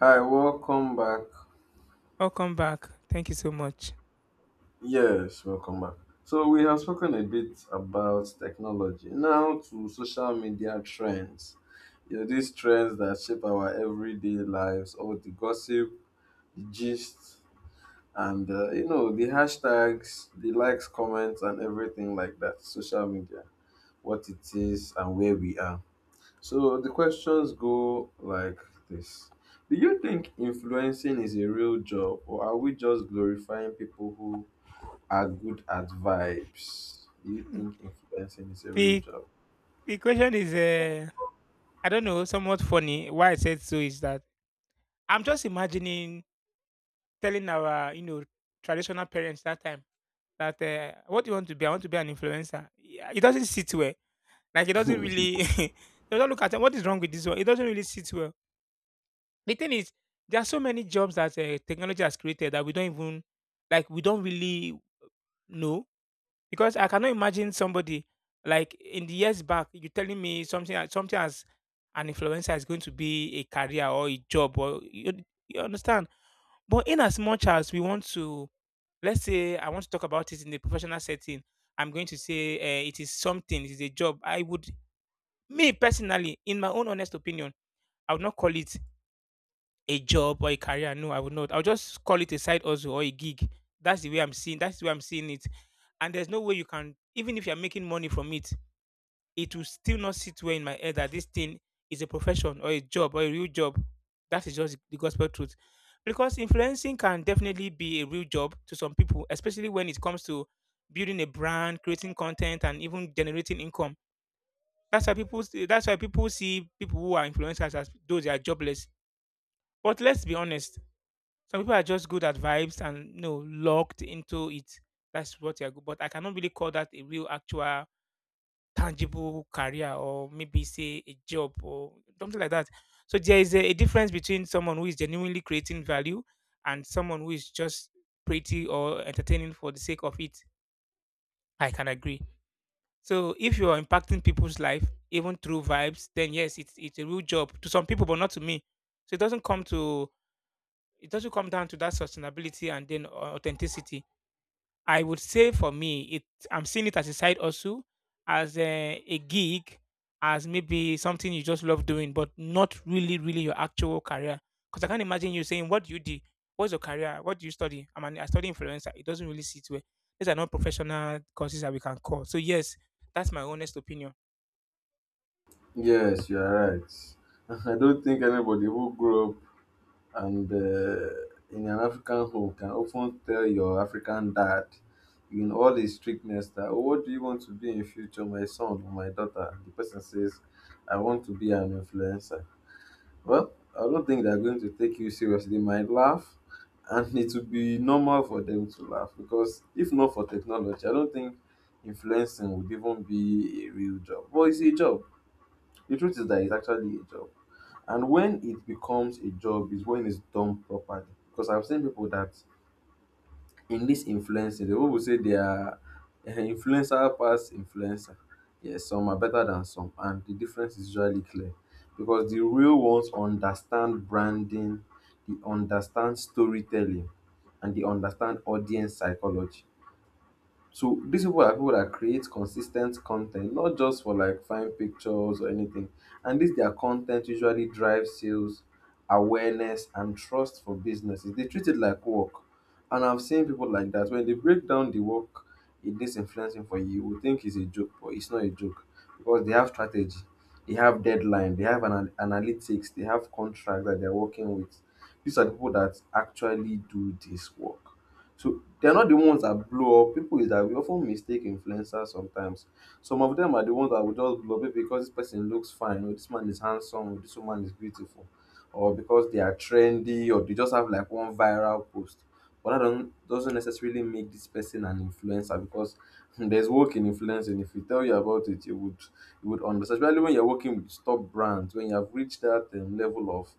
Hi, welcome back. Welcome back. Thank you so much. Yes, welcome back. So, we have spoken a bit about technology. Now, to social media trends. You know, these trends that shape our everyday lives, all the gossip, the gist, and, you know, the hashtags, the likes, comments, and everything like that. Social media, what it is, and where we are. So the questions go like this. Do you think influencing is a real job, or are we just glorifying people who are good at vibes? Do you think influencing is a real The job? the question is I don't know, somewhat funny. Why I said so is that I'm just imagining telling our, traditional parents that time that what do you want to be? I want to be an influencer. Yeah, it doesn't sit well. Like it doesn't really they don't look at it, what is wrong with this one. It doesn't really sit well. The thing is, there are so many jobs that technology has created that we don't even like we don't really know. Because I cannot imagine somebody like in the years back, you telling me something as an influencer is going to be a career or a job or you understand. But in as much as we want to, let's say I want to talk about it in the professional setting, I'm going to say it is something, it is a job. Me personally, in my own honest opinion, I would not call it a job or a career. No, I would not. I'll just call it a side hustle or a gig. That's the way I'm seeing. That's the way I'm seeing it. And there's no way you can, even if you're making money from it, it will still not sit well in my head that this thing is a profession or a job or a real job. That is just the gospel truth. Because influencing can definitely be a real job to some people, especially when it comes to building a brand, creating content, and even generating income. That's why people. That's why people see people who are influencers as though they are jobless. But let's be honest, some people are just good at vibes and you know locked into it. That's what they are good. But I cannot really call that a real actual tangible career or maybe say a job or something like that. So there is a difference between someone who is genuinely creating value and someone who is just pretty or entertaining for the sake of it. I can agree. So if you are impacting people's life even through vibes, then yes, it's a real job to some people, but not to me. So it doesn't come to, it doesn't come down to that sustainability and then authenticity. I would say for me, it, I'm seeing it as a side also, as a gig, as maybe something you just love doing, but not really, really your actual career. Because I can't imagine you saying, "What do you do? What's your career? What do you study?" I study influencer. It doesn't really sit well. These are not professional courses that we can call. So yes, that's my honest opinion. Yes, you are right. I don't think anybody who grew up and in an African home can often tell your African dad in all his strictness that, oh, what do you want to be in future, my son or my daughter? The person says, I want to be an influencer. Well, I don't think they're going to take you seriously. They might laugh, and it will be normal for them to laugh, because if not for technology, I don't think influencing would even be a real job. Well, it's a job. The truth is that it's actually a job, and when it becomes a job is when it's done properly. Because I've seen people that in this influencing, the people say they are influencer pass influencer. Yes, some are better than some, and the difference is usually clear because the real ones understand branding, they understand storytelling, and they understand audience psychology. So these people are people that create consistent content, not just for like fine pictures or anything. And this their content usually drives sales, awareness, and trust for businesses. They treat it like work. And I've seen people like that. When they break down the work it is influencing for you, you would think it's a joke, but it's not a joke because they have strategy, they have deadline, they have an analytics, they have contract that they're working with. These are the people that actually do this work. So they're not the ones that blow up. People is that we often mistake influencers sometimes. Some of them are the ones that will just blow up maybe because this person looks fine, or this man is handsome, or this woman is beautiful, or because they are trendy, or they just have like one viral post. But that don't, doesn't necessarily make this person an influencer, because there's work in influencing. If we tell you about it, you would understand. Especially when you're working with top brands, when you have reached that level of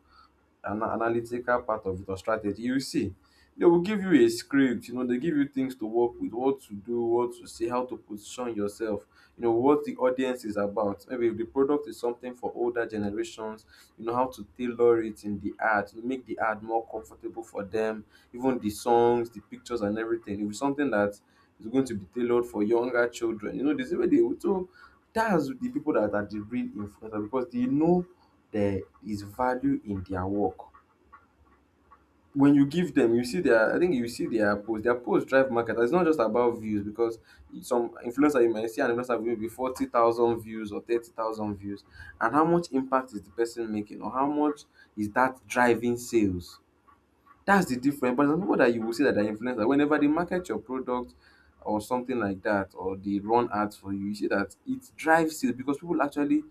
analytical part of it or strategy, you see, they will give you a script. You know, they give you things to work with, what to do, what to say, how to position yourself. You know what the audience is about. Maybe if the product is something for older generations, you know how to tailor it in the ad, you make the ad more comfortable for them. Even the songs, the pictures, and everything. If it's something that is going to be tailored for younger children, you know, this is where they would. So that's the people that are the real influencer because they know there is value in their work. When you give them, you see their. I think you see their post. Their post drive market. It's not just about views, because some influencer you might see an influencer with maybe 40,000 views or 30,000 views, and how much impact is the person making, or how much is that driving sales? That's the difference. But some people that you will see that are influencers, whenever they market your product or something like that, or they run ads for you, you see that it drives it because people actually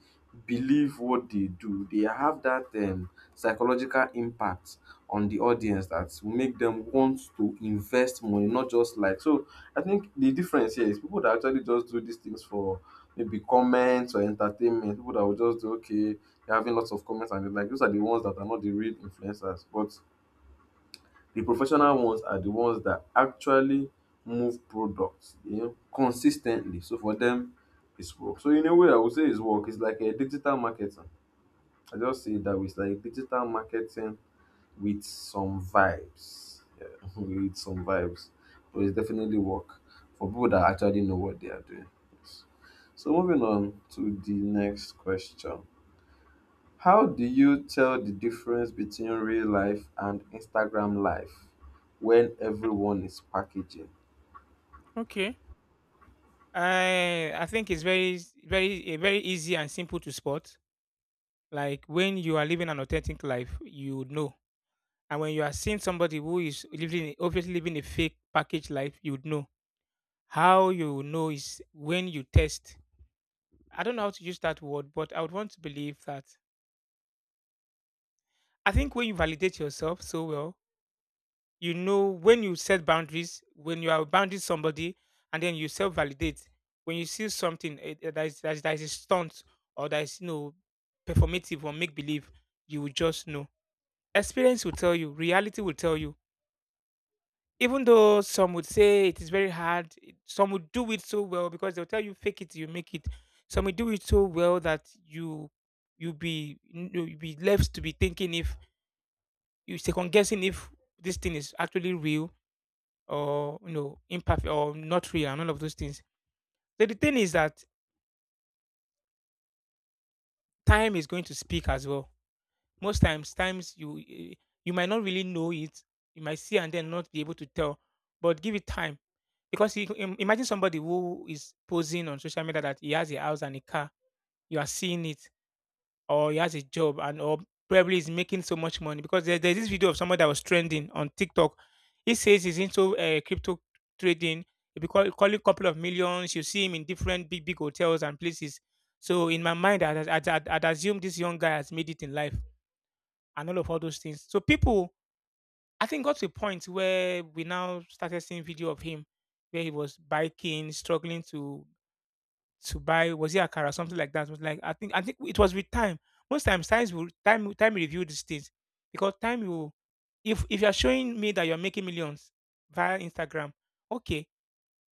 believe what they do. They have that psychological impact on the audience that will make them want to invest money, not just like. So I think the difference here is people that actually just do these things for maybe comments or entertainment, people that will just do, okay, they're having lots of comments and they like, those are the ones that are not the real influencers. But the professional ones are the ones that actually move products, you know, consistently. So for them, it's work. So in a way, I would say it's work. It's like a digital marketing. I just say it that way. It's like digital marketing with some vibes. Yeah, with some vibes. But it's definitely work for people that actually know what they are doing. Yes. So moving on to the next question. How do you tell the difference between real life and Instagram life when everyone is packaging? Okay. I think it's very very very easy and simple to spot. Like when you are living an authentic life, you would know. And when you are seeing somebody who is living, obviously living a fake package life, you'd know. How you would know is when you test. I don't know how to use that word, but I would want to believe that. I think when you validate yourself so well, you know when you set boundaries, when you are bounding somebody, and then you self validate. When you see something that is, that is, that is a stunt or that is you know, performative or make believe, you will just know. Experience will tell you, reality will tell you. Even though some would say it is very hard, some would do it so well because they'll tell you fake it, you make it. Some will do it so well that you you be left to be thinking if you second guessing if this thing is actually real or you know imperfect or not real and all of those things. So the thing is that time is going to speak as well. Times you you might not really know it. You might see and then not be able to tell, but give it time. Because you im imagine somebody who is posing on social media that he has a house and a car, you are seeing it, or he has a job and or probably is making so much money. Because there's this video of someone that was trending on TikTok. He says he's into crypto trading. Calling a couple of millions. You see him in different big, big hotels and places. So in my mind, I'd assume this young guy has made it in life and all of all those things. So people I think got to a point where we now started seeing video of him where he was biking, struggling to buy was it a car or something like that. It was like I think it was with time. Most time will review these things because time will, if you're showing me that you're making millions via Instagram, okay,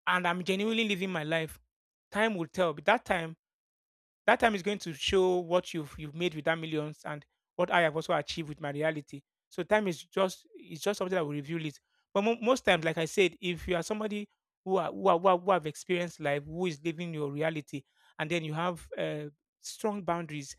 and I'm genuinely living my life, time will tell. But that time is going to show what you've made with that millions and what I have also achieved with my reality. So time is just, it's just something that will reveal it. But most times, like I said, if you are somebody who have experienced life, who is living your reality, and then you have strong boundaries,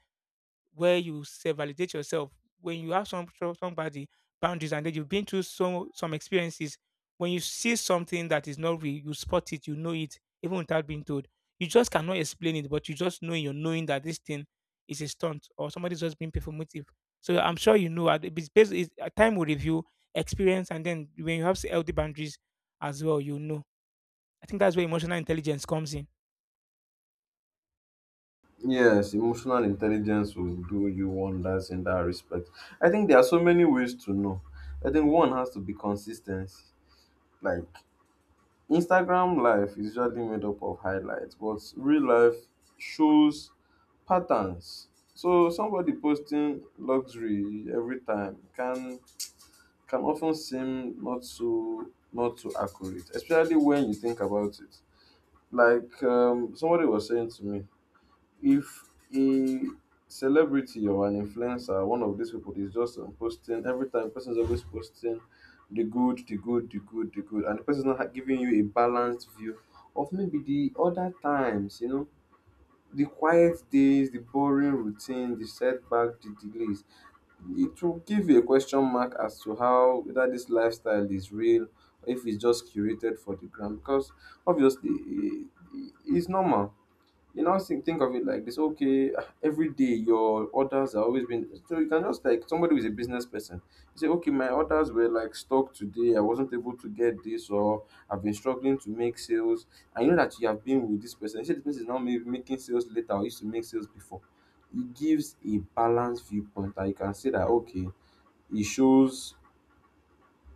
where you self validate yourself, when you have somebody boundaries and then you've been through some experiences. When you see something that is not real, you spot it, you know it even without being told. You just cannot explain it, but you just know in your knowing that this thing is a stunt or somebody's just being performative. So I'm sure you know, it's based, time will review experience, and then when you have healthy boundaries as well, you know, I think that's where emotional intelligence comes in. Yes, emotional intelligence will do you wonders in that respect. I think there are so many ways to know. I think one has to be consistency. Like Instagram life is usually made up of highlights, but real life shows patterns. So somebody posting luxury every time can often seem not so accurate, especially when you think about it. Like somebody was saying to me, if a celebrity or an influencer, one of these people is just posting every time, person is always posting the good, the good, the good, the good, and the person is not giving you a balanced view of maybe the other times, you know, the quiet days, the boring routine, the setback, the delays, it will give a question mark as to how whether this lifestyle is real or if it's just curated for the gram, because obviously it's normal. You now think of it like this: okay, every day your orders are always been so you can just like somebody who is a business person. You say, okay, my orders were like stuck today. I wasn't able to get this, or I've been struggling to make sales. And you know that you have been with this person. You say this person is now maybe making sales later or used to make sales before. It gives a balanced viewpoint that you can say that okay, it shows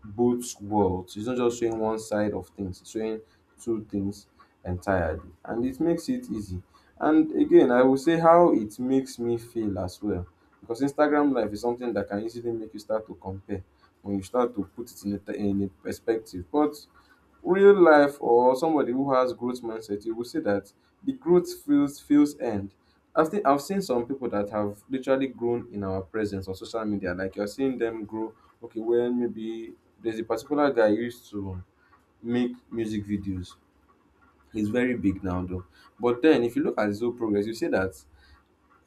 both worlds. It's not just showing one side of things, it's showing two things entirely. And it makes it easy. And again, I will say how it makes me feel as well. Because Instagram life is something that can easily make you start to compare when you start to put it in a perspective. But real life or somebody who has growth mindset, you will see that the growth feels end. I've seen some people that have literally grown in our presence on social media. Like you're seeing them grow. Okay, well maybe there's a particular guy who used to make music videos. He's very big now though. But then if you look at his whole progress, you see that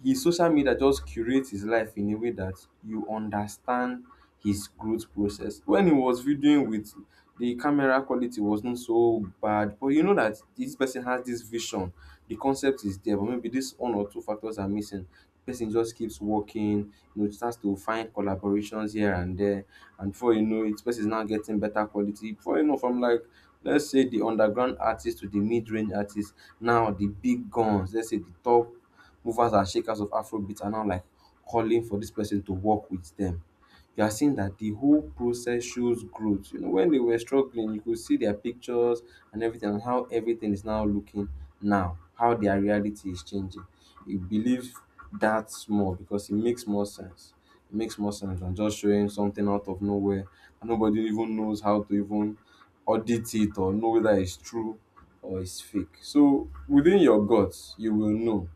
his social media just curates his life in a way that you understand his growth process. When he was videoing with the camera quality wasn't so bad, but you know that this person has this vision. The concept is there, but maybe this one or two factors are missing. The person just keeps working, you know, starts to find collaborations here and there, and before you know it, person is now getting better quality. Before you know, from like let's say the underground artist to the mid-range artist, now the big guns, let's say the top movers and shakers of Afrobeat are now like calling for this person to work with them. You are seeing that the whole process shows growth. You know, when they were struggling, you could see their pictures and everything, and how everything is now looking now, how their reality is changing. You believe that more because it makes more sense. It makes more sense than just showing something out of nowhere and nobody even knows how to even audit it or know whether it's true or it's fake. So within your guts, you will know.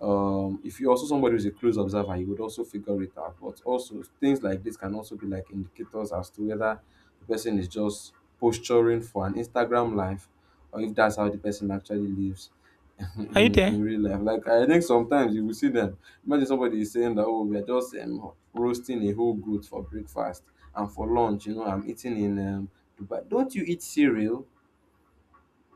If you're also somebody who's a close observer, you would also figure it out, but also things like this can also be like indicators as to whether the person is just posturing for an Instagram life or if that's how the person actually lives Are you in, there? in real life. Like, I think sometimes you will see them. Imagine somebody is saying that, oh, we're just roasting a whole goat for breakfast and for lunch, you know, I'm eating in Dubai. Don't you eat cereal?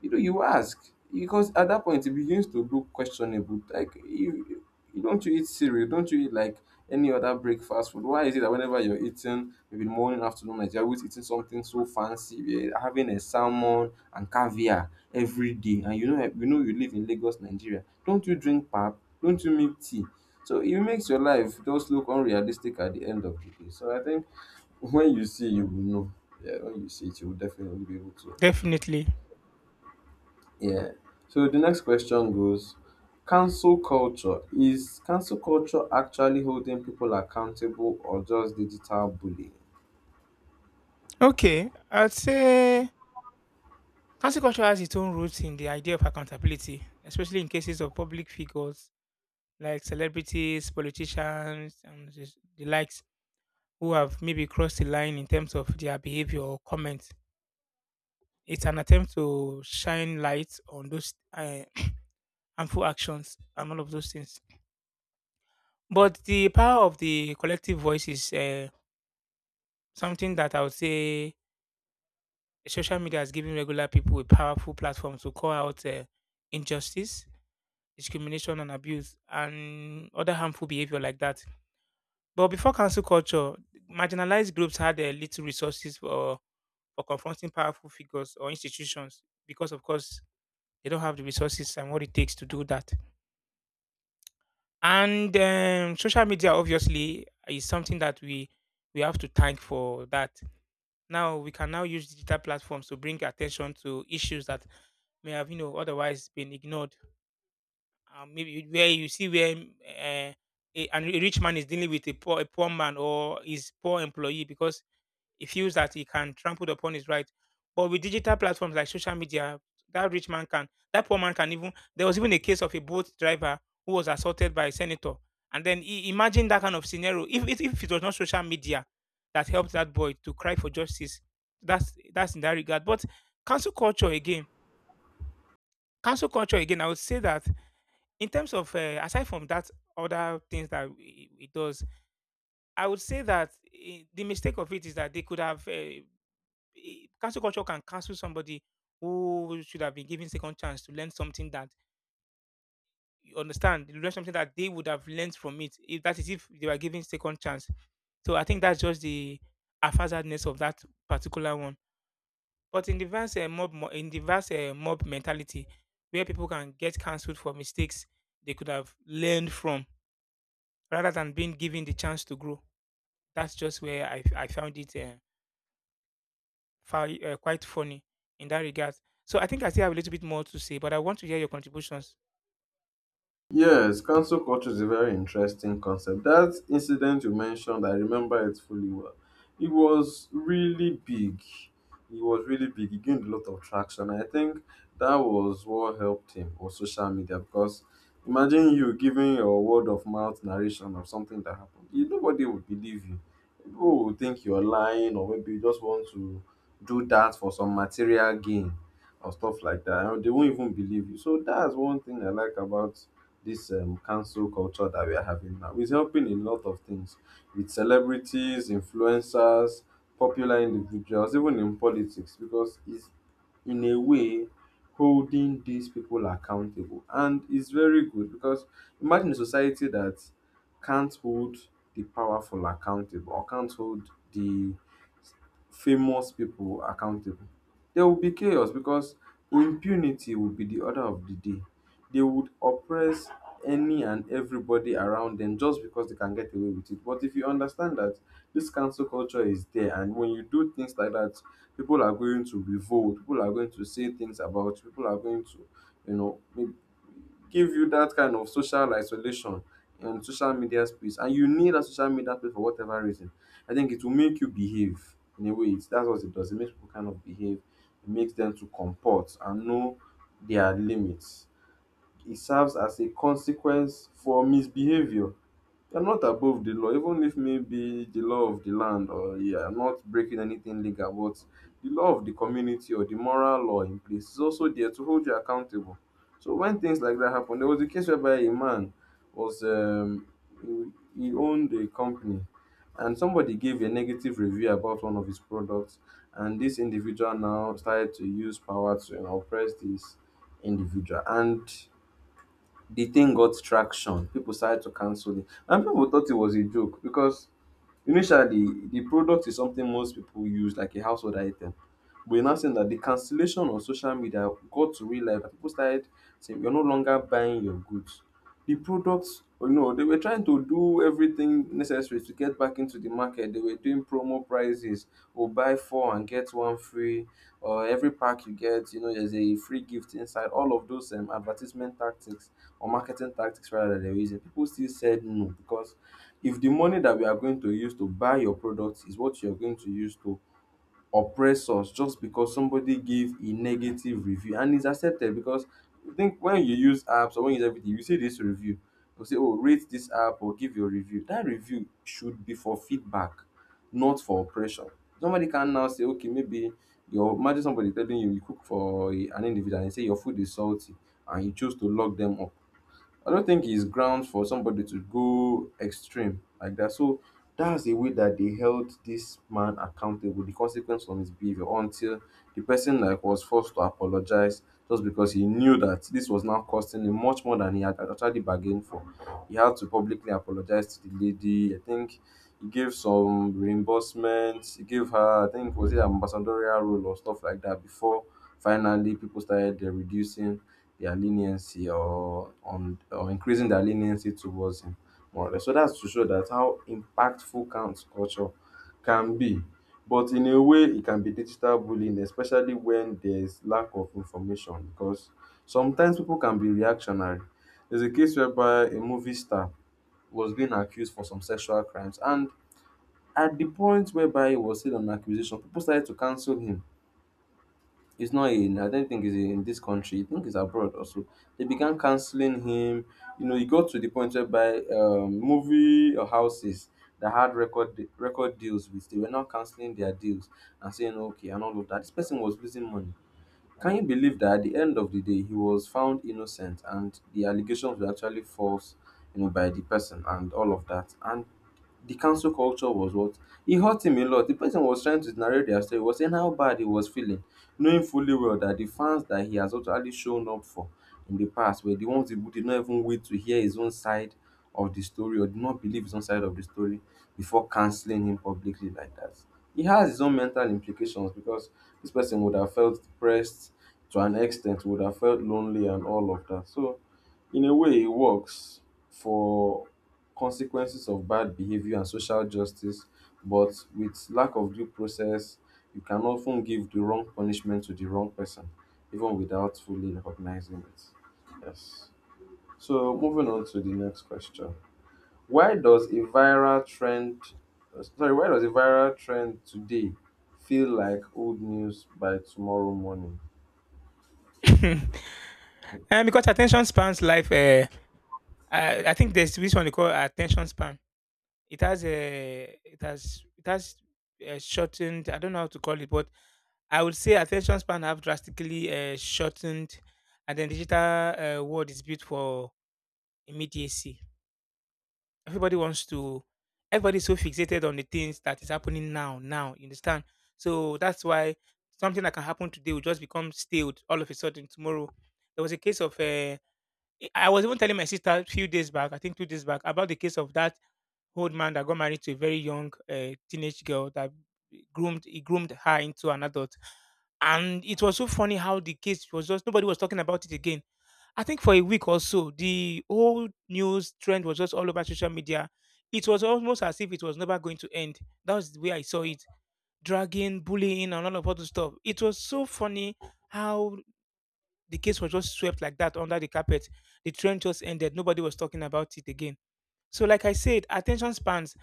You know, you ask because at that point it begins to look questionable. Like, you don't, you eat cereal, don't you eat like any other breakfast food? Why is it that whenever you're eating, maybe morning, afternoon, night, you're always eating something so fancy? You're having a salmon and caviar every day, and, you know, you know you live in Lagos, Nigeria. Don't you drink pap? Don't you make tea? So it makes your life just look unrealistic at the end of the day. So I think when you see, you will know. Yeah, when you see it, you will definitely be able to. Definitely. Yeah. So the next question goes, cancel culture, is cancel culture actually holding people accountable or just digital bullying? Okay, I'd say cancel culture has its own roots in the idea of accountability, especially in cases of public figures like celebrities, politicians, and the likes who have maybe crossed the line in terms of their behavior or comments. It's an attempt to shine light on those harmful actions and all of those things. But the power of the collective voice is something that I would say social media has given regular people a powerful platform to call out injustice, discrimination and abuse and other harmful behavior like that. But before cancel culture, marginalized groups had little resources for confronting powerful figures or institutions because, of course, they don't have the resources and what it takes to do that. And social media, obviously, is something that we have to thank for that. Now we can now use digital platforms to bring attention to issues that may have, you know, otherwise been ignored. Maybe where you see where a rich man is dealing with a poor man or his poor employee because he feels that he can trample upon his right. But with digital platforms like social media, that poor man can even. There was even a case of a boat driver who was assaulted by a senator, and then imagine that kind of scenario. If if it was not social media that helped that boy to cry for justice, that's in that regard. But cancel culture again, cancel culture again. I would say that in terms of, aside from that, other things that it does, I would say that the mistake of it is that they could have, cancel culture can cancel somebody who should have been given second chance to learn something that you understand, learn something that they would have learned from it. If that is if they were given second chance. So I think that's just the haphazardness of that particular one. But in the vast in the vast mob mentality, where people can get cancelled for mistakes they could have learned from, rather than being given the chance to grow. That's just where I found it quite funny in that regard. So I think I still have a little bit more to say, but I want to hear your contributions. Yes, cancel culture is a very interesting concept. That incident you mentioned, I remember it fully well. It was really big. It was really big. He gained a lot of traction. I think that was what helped him, was social media, because imagine you giving your word of mouth narration of something that happened. You, nobody would believe you. People would think you're lying or maybe you just want to do that for some material gain or stuff like that. And they won't even believe you. So that's one thing I like about this cancel culture that we are having now. It's helping in a lot of things with celebrities, influencers, popular individuals, even in politics, because it's, in a way, holding these people accountable. And it's very good because imagine a society that can't hold the powerful accountable or can't hold the famous people accountable. There will be chaos because impunity will be the order of the day. They would oppress any and everybody around them just because they can get away with it. But if you understand that this cancel culture is there, and when you do things like that, people are going to revolt, people are going to say things about you, people are going to, you know, maybe give you that kind of social isolation and social media space. And you need a social media space for whatever reason. I think it will make you behave in a way. That's what it does. It makes people kind of behave, it makes them to comport and know their limits. It serves as a consequence for misbehavior. You're not above the law, even if maybe the law of the land or you are not breaking anything legal, but the law of the community or the moral law in place is also there to hold you accountable. So when things like that happen, there was a case whereby a man was he he owned a company, and somebody gave a negative review about one of his products, and this individual now started to use power to, you know, oppress this individual, and the thing got traction. People started to cancel it. And people thought it was a joke because initially the product is something most people use, like a household item. But are now seeing that the cancellation on social media got to real life. That People started saying, you're no longer buying your goods, the products. You know, they were trying to do everything necessary to get back into the market. They were doing promo prices or buy four and get one free, or every pack you get, you know, there's a free gift inside, all of those advertisement tactics or marketing tactics, rather, that they were using. People still said no because if the money that we are going to use to buy your product is what you're going to use to oppress us just because somebody gave a negative review, and it's accepted because I think when you use apps or when you use everything, you see this review. They'll say, oh, rate this app or give your review. That review should be for feedback, not for oppression. Somebody can now say, okay, maybe your, imagine somebody telling you, you cook for an individual and say your food is salty, and you choose to lock them up. I don't think it's grounds for somebody to go extreme like that. So that's the way that they held this man accountable, the consequence of his behavior, until the person, like, was forced to apologize just because he knew that this was now costing him much more than he had actually bargained for. He had to publicly apologize to the lady. I think he gave some reimbursements. He gave her, I think, was it an ambassadorial role or stuff like that, before finally people started reducing their leniency or, on, or increasing their leniency towards him, more or less. So that's to show that how impactful count culture can be. But in a way, it can be digital bullying, especially when there's lack of information because sometimes people can be reactionary. There's a case whereby a movie star was being accused for some sexual crimes, and at the point whereby he was still on accusation, people started to cancel him. He's not in, I don't think he's in this country. I think he's abroad also. They began canceling him. You know, he got to the point whereby movie or houses that had record deals with, they were now canceling their deals and saying, okay, and all of that. This person was losing money. Can you believe that at the end of the day he was found innocent and the allegations were actually false, you know, by the person and all of that. And the cancel culture was what, it hurt him a lot. The person was trying to narrate their story, was saying how bad he was feeling, knowing fully well that the fans that he has actually shown up for in the past were the ones who did not even wait to hear his own side of the story or did not believe his own side of the story before canceling him publicly like that. It has its own mental implications because this person would have felt depressed to an extent, would have felt lonely and all of that. So, in a way, it works for consequences of bad behavior and social justice, but with lack of due process, you can often give the wrong punishment to the wrong person, even without fully recognizing it. Yes. So, moving on to the next question. Why does a viral trend sorry, why does a viral trend today feel like old news by tomorrow morning? And because attention spans life, I think there's this one they call attention span. It has it has shortened. I don't know how to call it, but I would say attention span have drastically shortened, and then digital world is built for immediacy. Everybody wants to everybody's so fixated on the things that is happening now, you understand. So that's why something that can happen today will just become stale all of a sudden tomorrow. There was a case of I was even telling my sister a few days back, I think 2 days back, about the case of that old man that got married to a very young teenage girl that groomed her into an adult. And it was so funny how the case was just, nobody was talking about it again. I think for a week or so, the whole news trend was just all over social media. It was almost as if it was never going to end. That was the way I saw it. Dragging, bullying, and all of other stuff. It was so funny how the case was just swept like that under the carpet. The trend just ended. Nobody was talking about it again. So, like I said, attention spans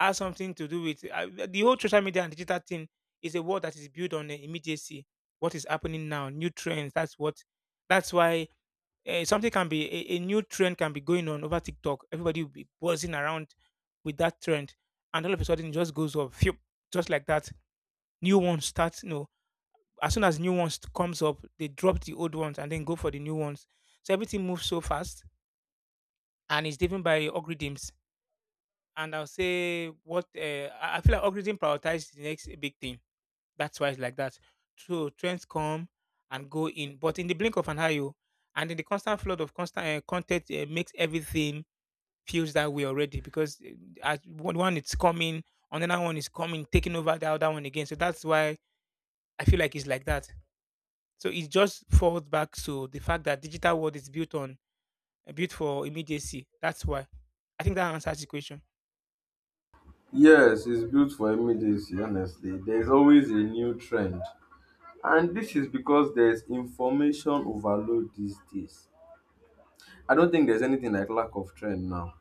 has something to do with the whole social media and digital thing is a world that is built on immediacy. What is happening now, new trends. That's what. That's why something can be a new trend can be going on over TikTok. Everybody will be buzzing around with that trend, and all of a sudden it just goes up, phew, just like that. New ones start. You know, as soon as new ones comes up, they drop the old ones and then go for the new ones. So everything moves so fast, and it's driven by algorithms. And I'll say what uh, I feel like algorithm prioritize the next big thing. That's why it's like that. So trends come and go in, but in the blink of an eye, oh, and in the constant flood of constant content makes everything feels that way already because as one is coming, another one is coming, taking over the other one again. So that's why I feel like it's like that. So it just falls back to the fact that digital world is built on built for immediacy. That's why. I think that answers the question. Yes, it's built for immediacy, honestly. There's always a new trend. And this is because there's information overload these days. I don't think there's anything like lack of trend now.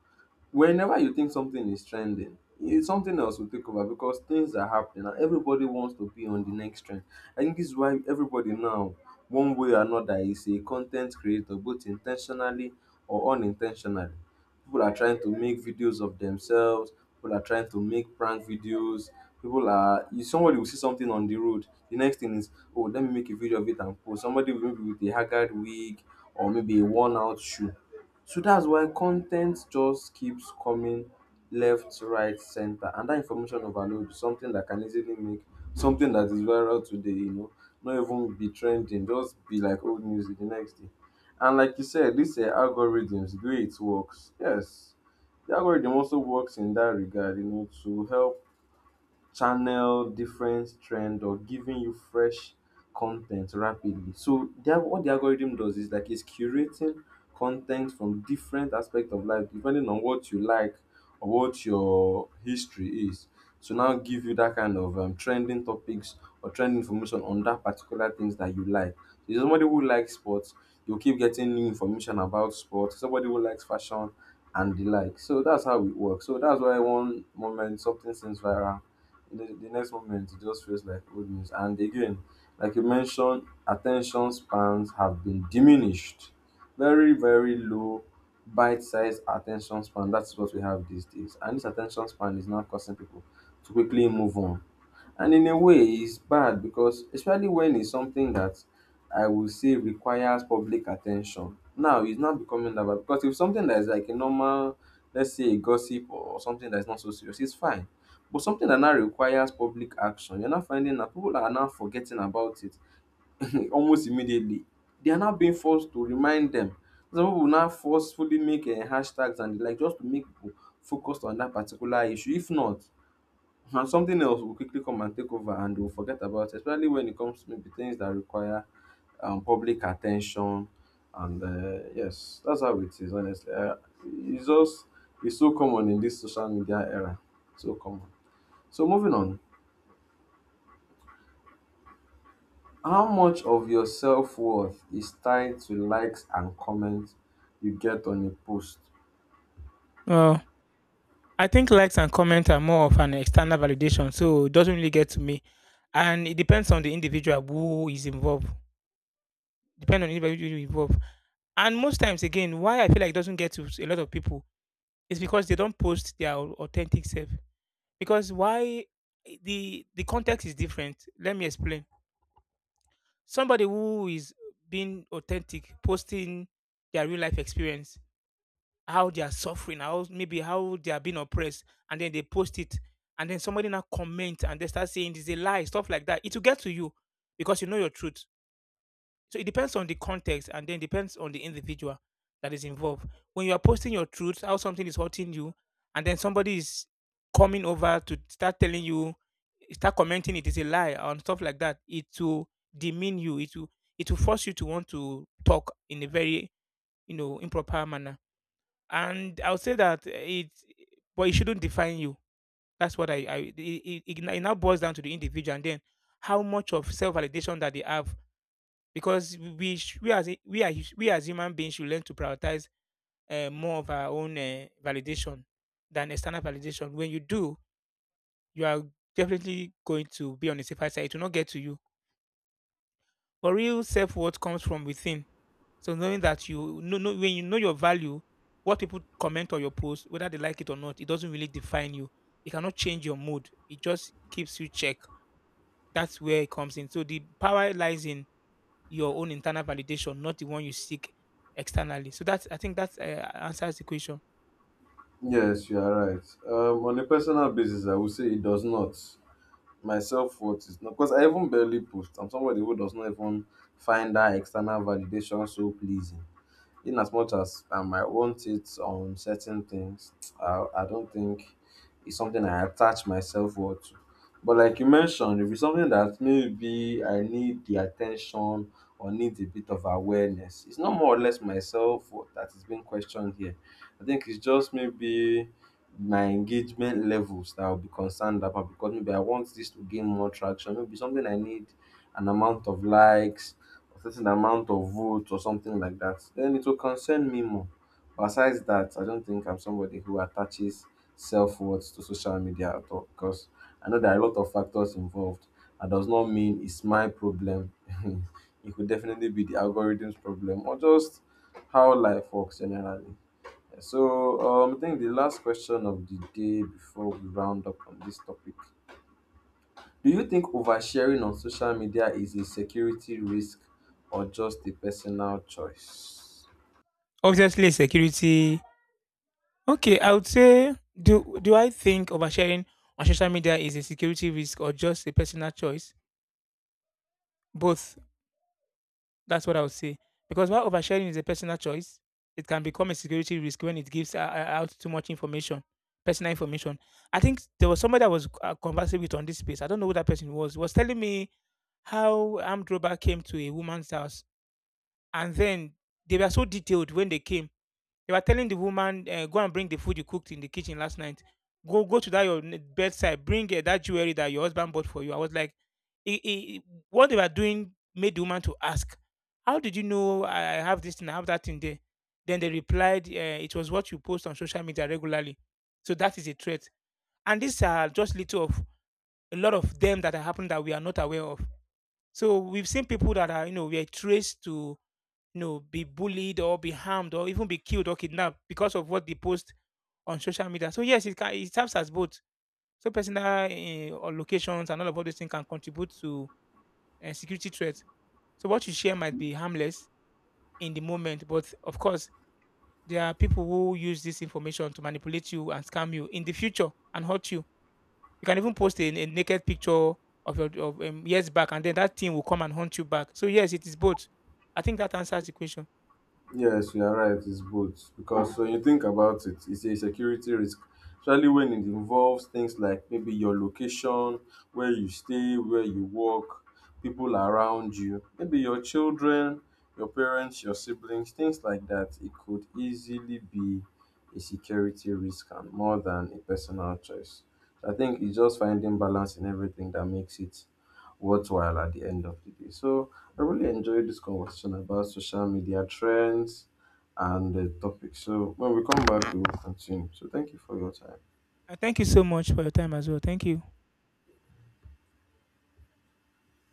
Whenever you think something is trending, it's something else will take over because things are happening and everybody wants to be on the next trend. I think this is why everybody now, one way or another, is a content creator, both intentionally or unintentionally. People are trying to make videos of themselves, people are trying to make prank videos. People are, if somebody will see something on the road, the next thing is, oh, let me make a video of it and post. Somebody will maybe with a haggard wig or maybe a worn out shoe. So that's why content just keeps coming left, right, center, and that information overload is something that can easily make something that is viral today, you know, not even be trending, just be like old news the next day. And like you said, these algorithms, the way it works, yes, the algorithm also works in that regard, you know, to help channel different trend or giving you fresh content rapidly. So the, what the algorithm does is like it's curating content from different aspects of life depending on what you like or what your history is. So now give you that kind of trending topics or trend information on that particular things that you like. So if somebody who likes sports, you'll keep getting new information about sports. Somebody who likes fashion and the like. So that's how it works. So that's why one moment something seems viral, the next moment it just feels like old news. And again, like you mentioned, attention spans have been diminished. Very, very low bite-sized attention span. That's what we have these days. And this attention span is now causing people to quickly move on. And in a way, it's bad because especially when it's something that I would say requires public attention. Now it's not becoming that bad because if something that is like a normal, let's say a gossip or something that's not so serious, it's fine, but something that now requires public action, you're now finding that people are now forgetting about it almost immediately. They are now being forced to remind them. Some people now forcefully make hashtags and the like just to make people focused on that particular issue. If not, and something else will quickly come and take over and they'll forget about it, especially when it comes to maybe things that require public attention. And yes, that's how it is, honestly. It's just, it's so common in this social media era. So common. So moving on. How much of your self-worth is tied to likes and comments you get on a post? Uh I think likes and comments are more of an external validation, so it doesn't really get to me. And it depends on the individual who is involved. Depend on the individual involved. And most times, again, why I feel like it doesn't get to a lot of people is because they don't post their authentic self. Because why the context is different. Let me explain. Somebody who is being authentic, posting their real life experience, how they are suffering, how maybe how they are being oppressed, and then they post it, and then somebody now comment and they start saying it's a lie, stuff like that. It will get to you because you know your truth. So it depends on the context, and then depends on the individual that is involved. When you are posting your truth, how something is hurting you, and then somebody is coming over to start telling you, start commenting it is a lie and stuff like that. It will demean you. It will force you to want to talk in a very, you know, improper manner. And I'll say that it, but it shouldn't define you. That's what I it, it, it it now boils down to the individual and then how much of self validation that they have, because we sh- we as we are hu- we as human beings should learn to prioritize more of our own validation than external validation. When you do, you are definitely going to be on the safer side. It will not get to you. But real self worth comes from within. So knowing that, you know, when you know your value, what people comment on your post, whether they like it or not, it doesn't really define you. It cannot change your mood. It just keeps you check. That's where it comes in. So the power lies in your own internal validation, not the one you seek externally. So that's, I think that answers the question. Yes, you are right. On a personal basis, I would say it does not. My self-worth is not, because I even barely post. I'm somebody who does not even find that external validation so pleasing. In as much as I might want it on certain things, I don't think it's something I attach myself well to. But like you mentioned, if it's something that maybe I need the attention or need a bit of awareness, it's not more or less myself that is being questioned here. I think it's just maybe my engagement levels that I'll be concerned about because maybe I want this to gain more traction. Maybe something I need an amount of likes, a certain amount of votes or something like that, then it will concern me more. Besides that, I don't think I'm somebody who attaches self worth to social media at all because I know there are a lot of factors involved. That does not mean it's my problem. It could definitely be the algorithm's problem or just how life works generally. So I think the last question of the day before we round up on this topic, do you think oversharing on social media is a security risk or just a personal choice? Obviously, security. Okay, I would say, do I think oversharing on social media is a security risk or just a personal choice? Both. That's what I would say. Because while oversharing is a personal choice, it can become a security risk when it gives out too much information, personal information. I think there was somebody I was conversing with on this space. I don't know who that person was. Was telling me how armed robber came to a woman's house, and then they were so detailed when they came. They were telling the woman, go and bring the food you cooked in the kitchen last night. Go to that your bedside. Bring that jewelry that your husband bought for you. I was like, I what they were doing made the woman to ask, how did you know I have this thing? I have that thing there. Then they replied, it was what you post on social media regularly. So that is a threat. And these are just little of a lot of them that are happening that we are not aware of. So we've seen people that are, you know, we are traced to, you know, be bullied or be harmed or even be killed or kidnapped because of what they post on social media. So yes, it can, it serves as both. So personal or locations and all of all those things can contribute to security threats. So what you share might be harmless in the moment, but of course there are people who use this information to manipulate you and scam you in the future and hurt you. You can even post a naked picture of your of, years back, and then that thing will come and hunt you back. So yes, it is both. I think that answers the question. Yes, you are right. It's both because when you think about it, it's a security risk, especially when it involves things like maybe your location, where you stay, where you work, people around you, maybe your children, your parents, your siblings, things like that. It could easily be a security risk and more than a personal choice. So, I think it's just finding balance in everything that makes it worthwhile at the end of the day. So I really enjoyed this conversation about social media trends and the topic. So when we come back, we will continue. So thank you for your time. And thank you so much for your time as well. Thank you.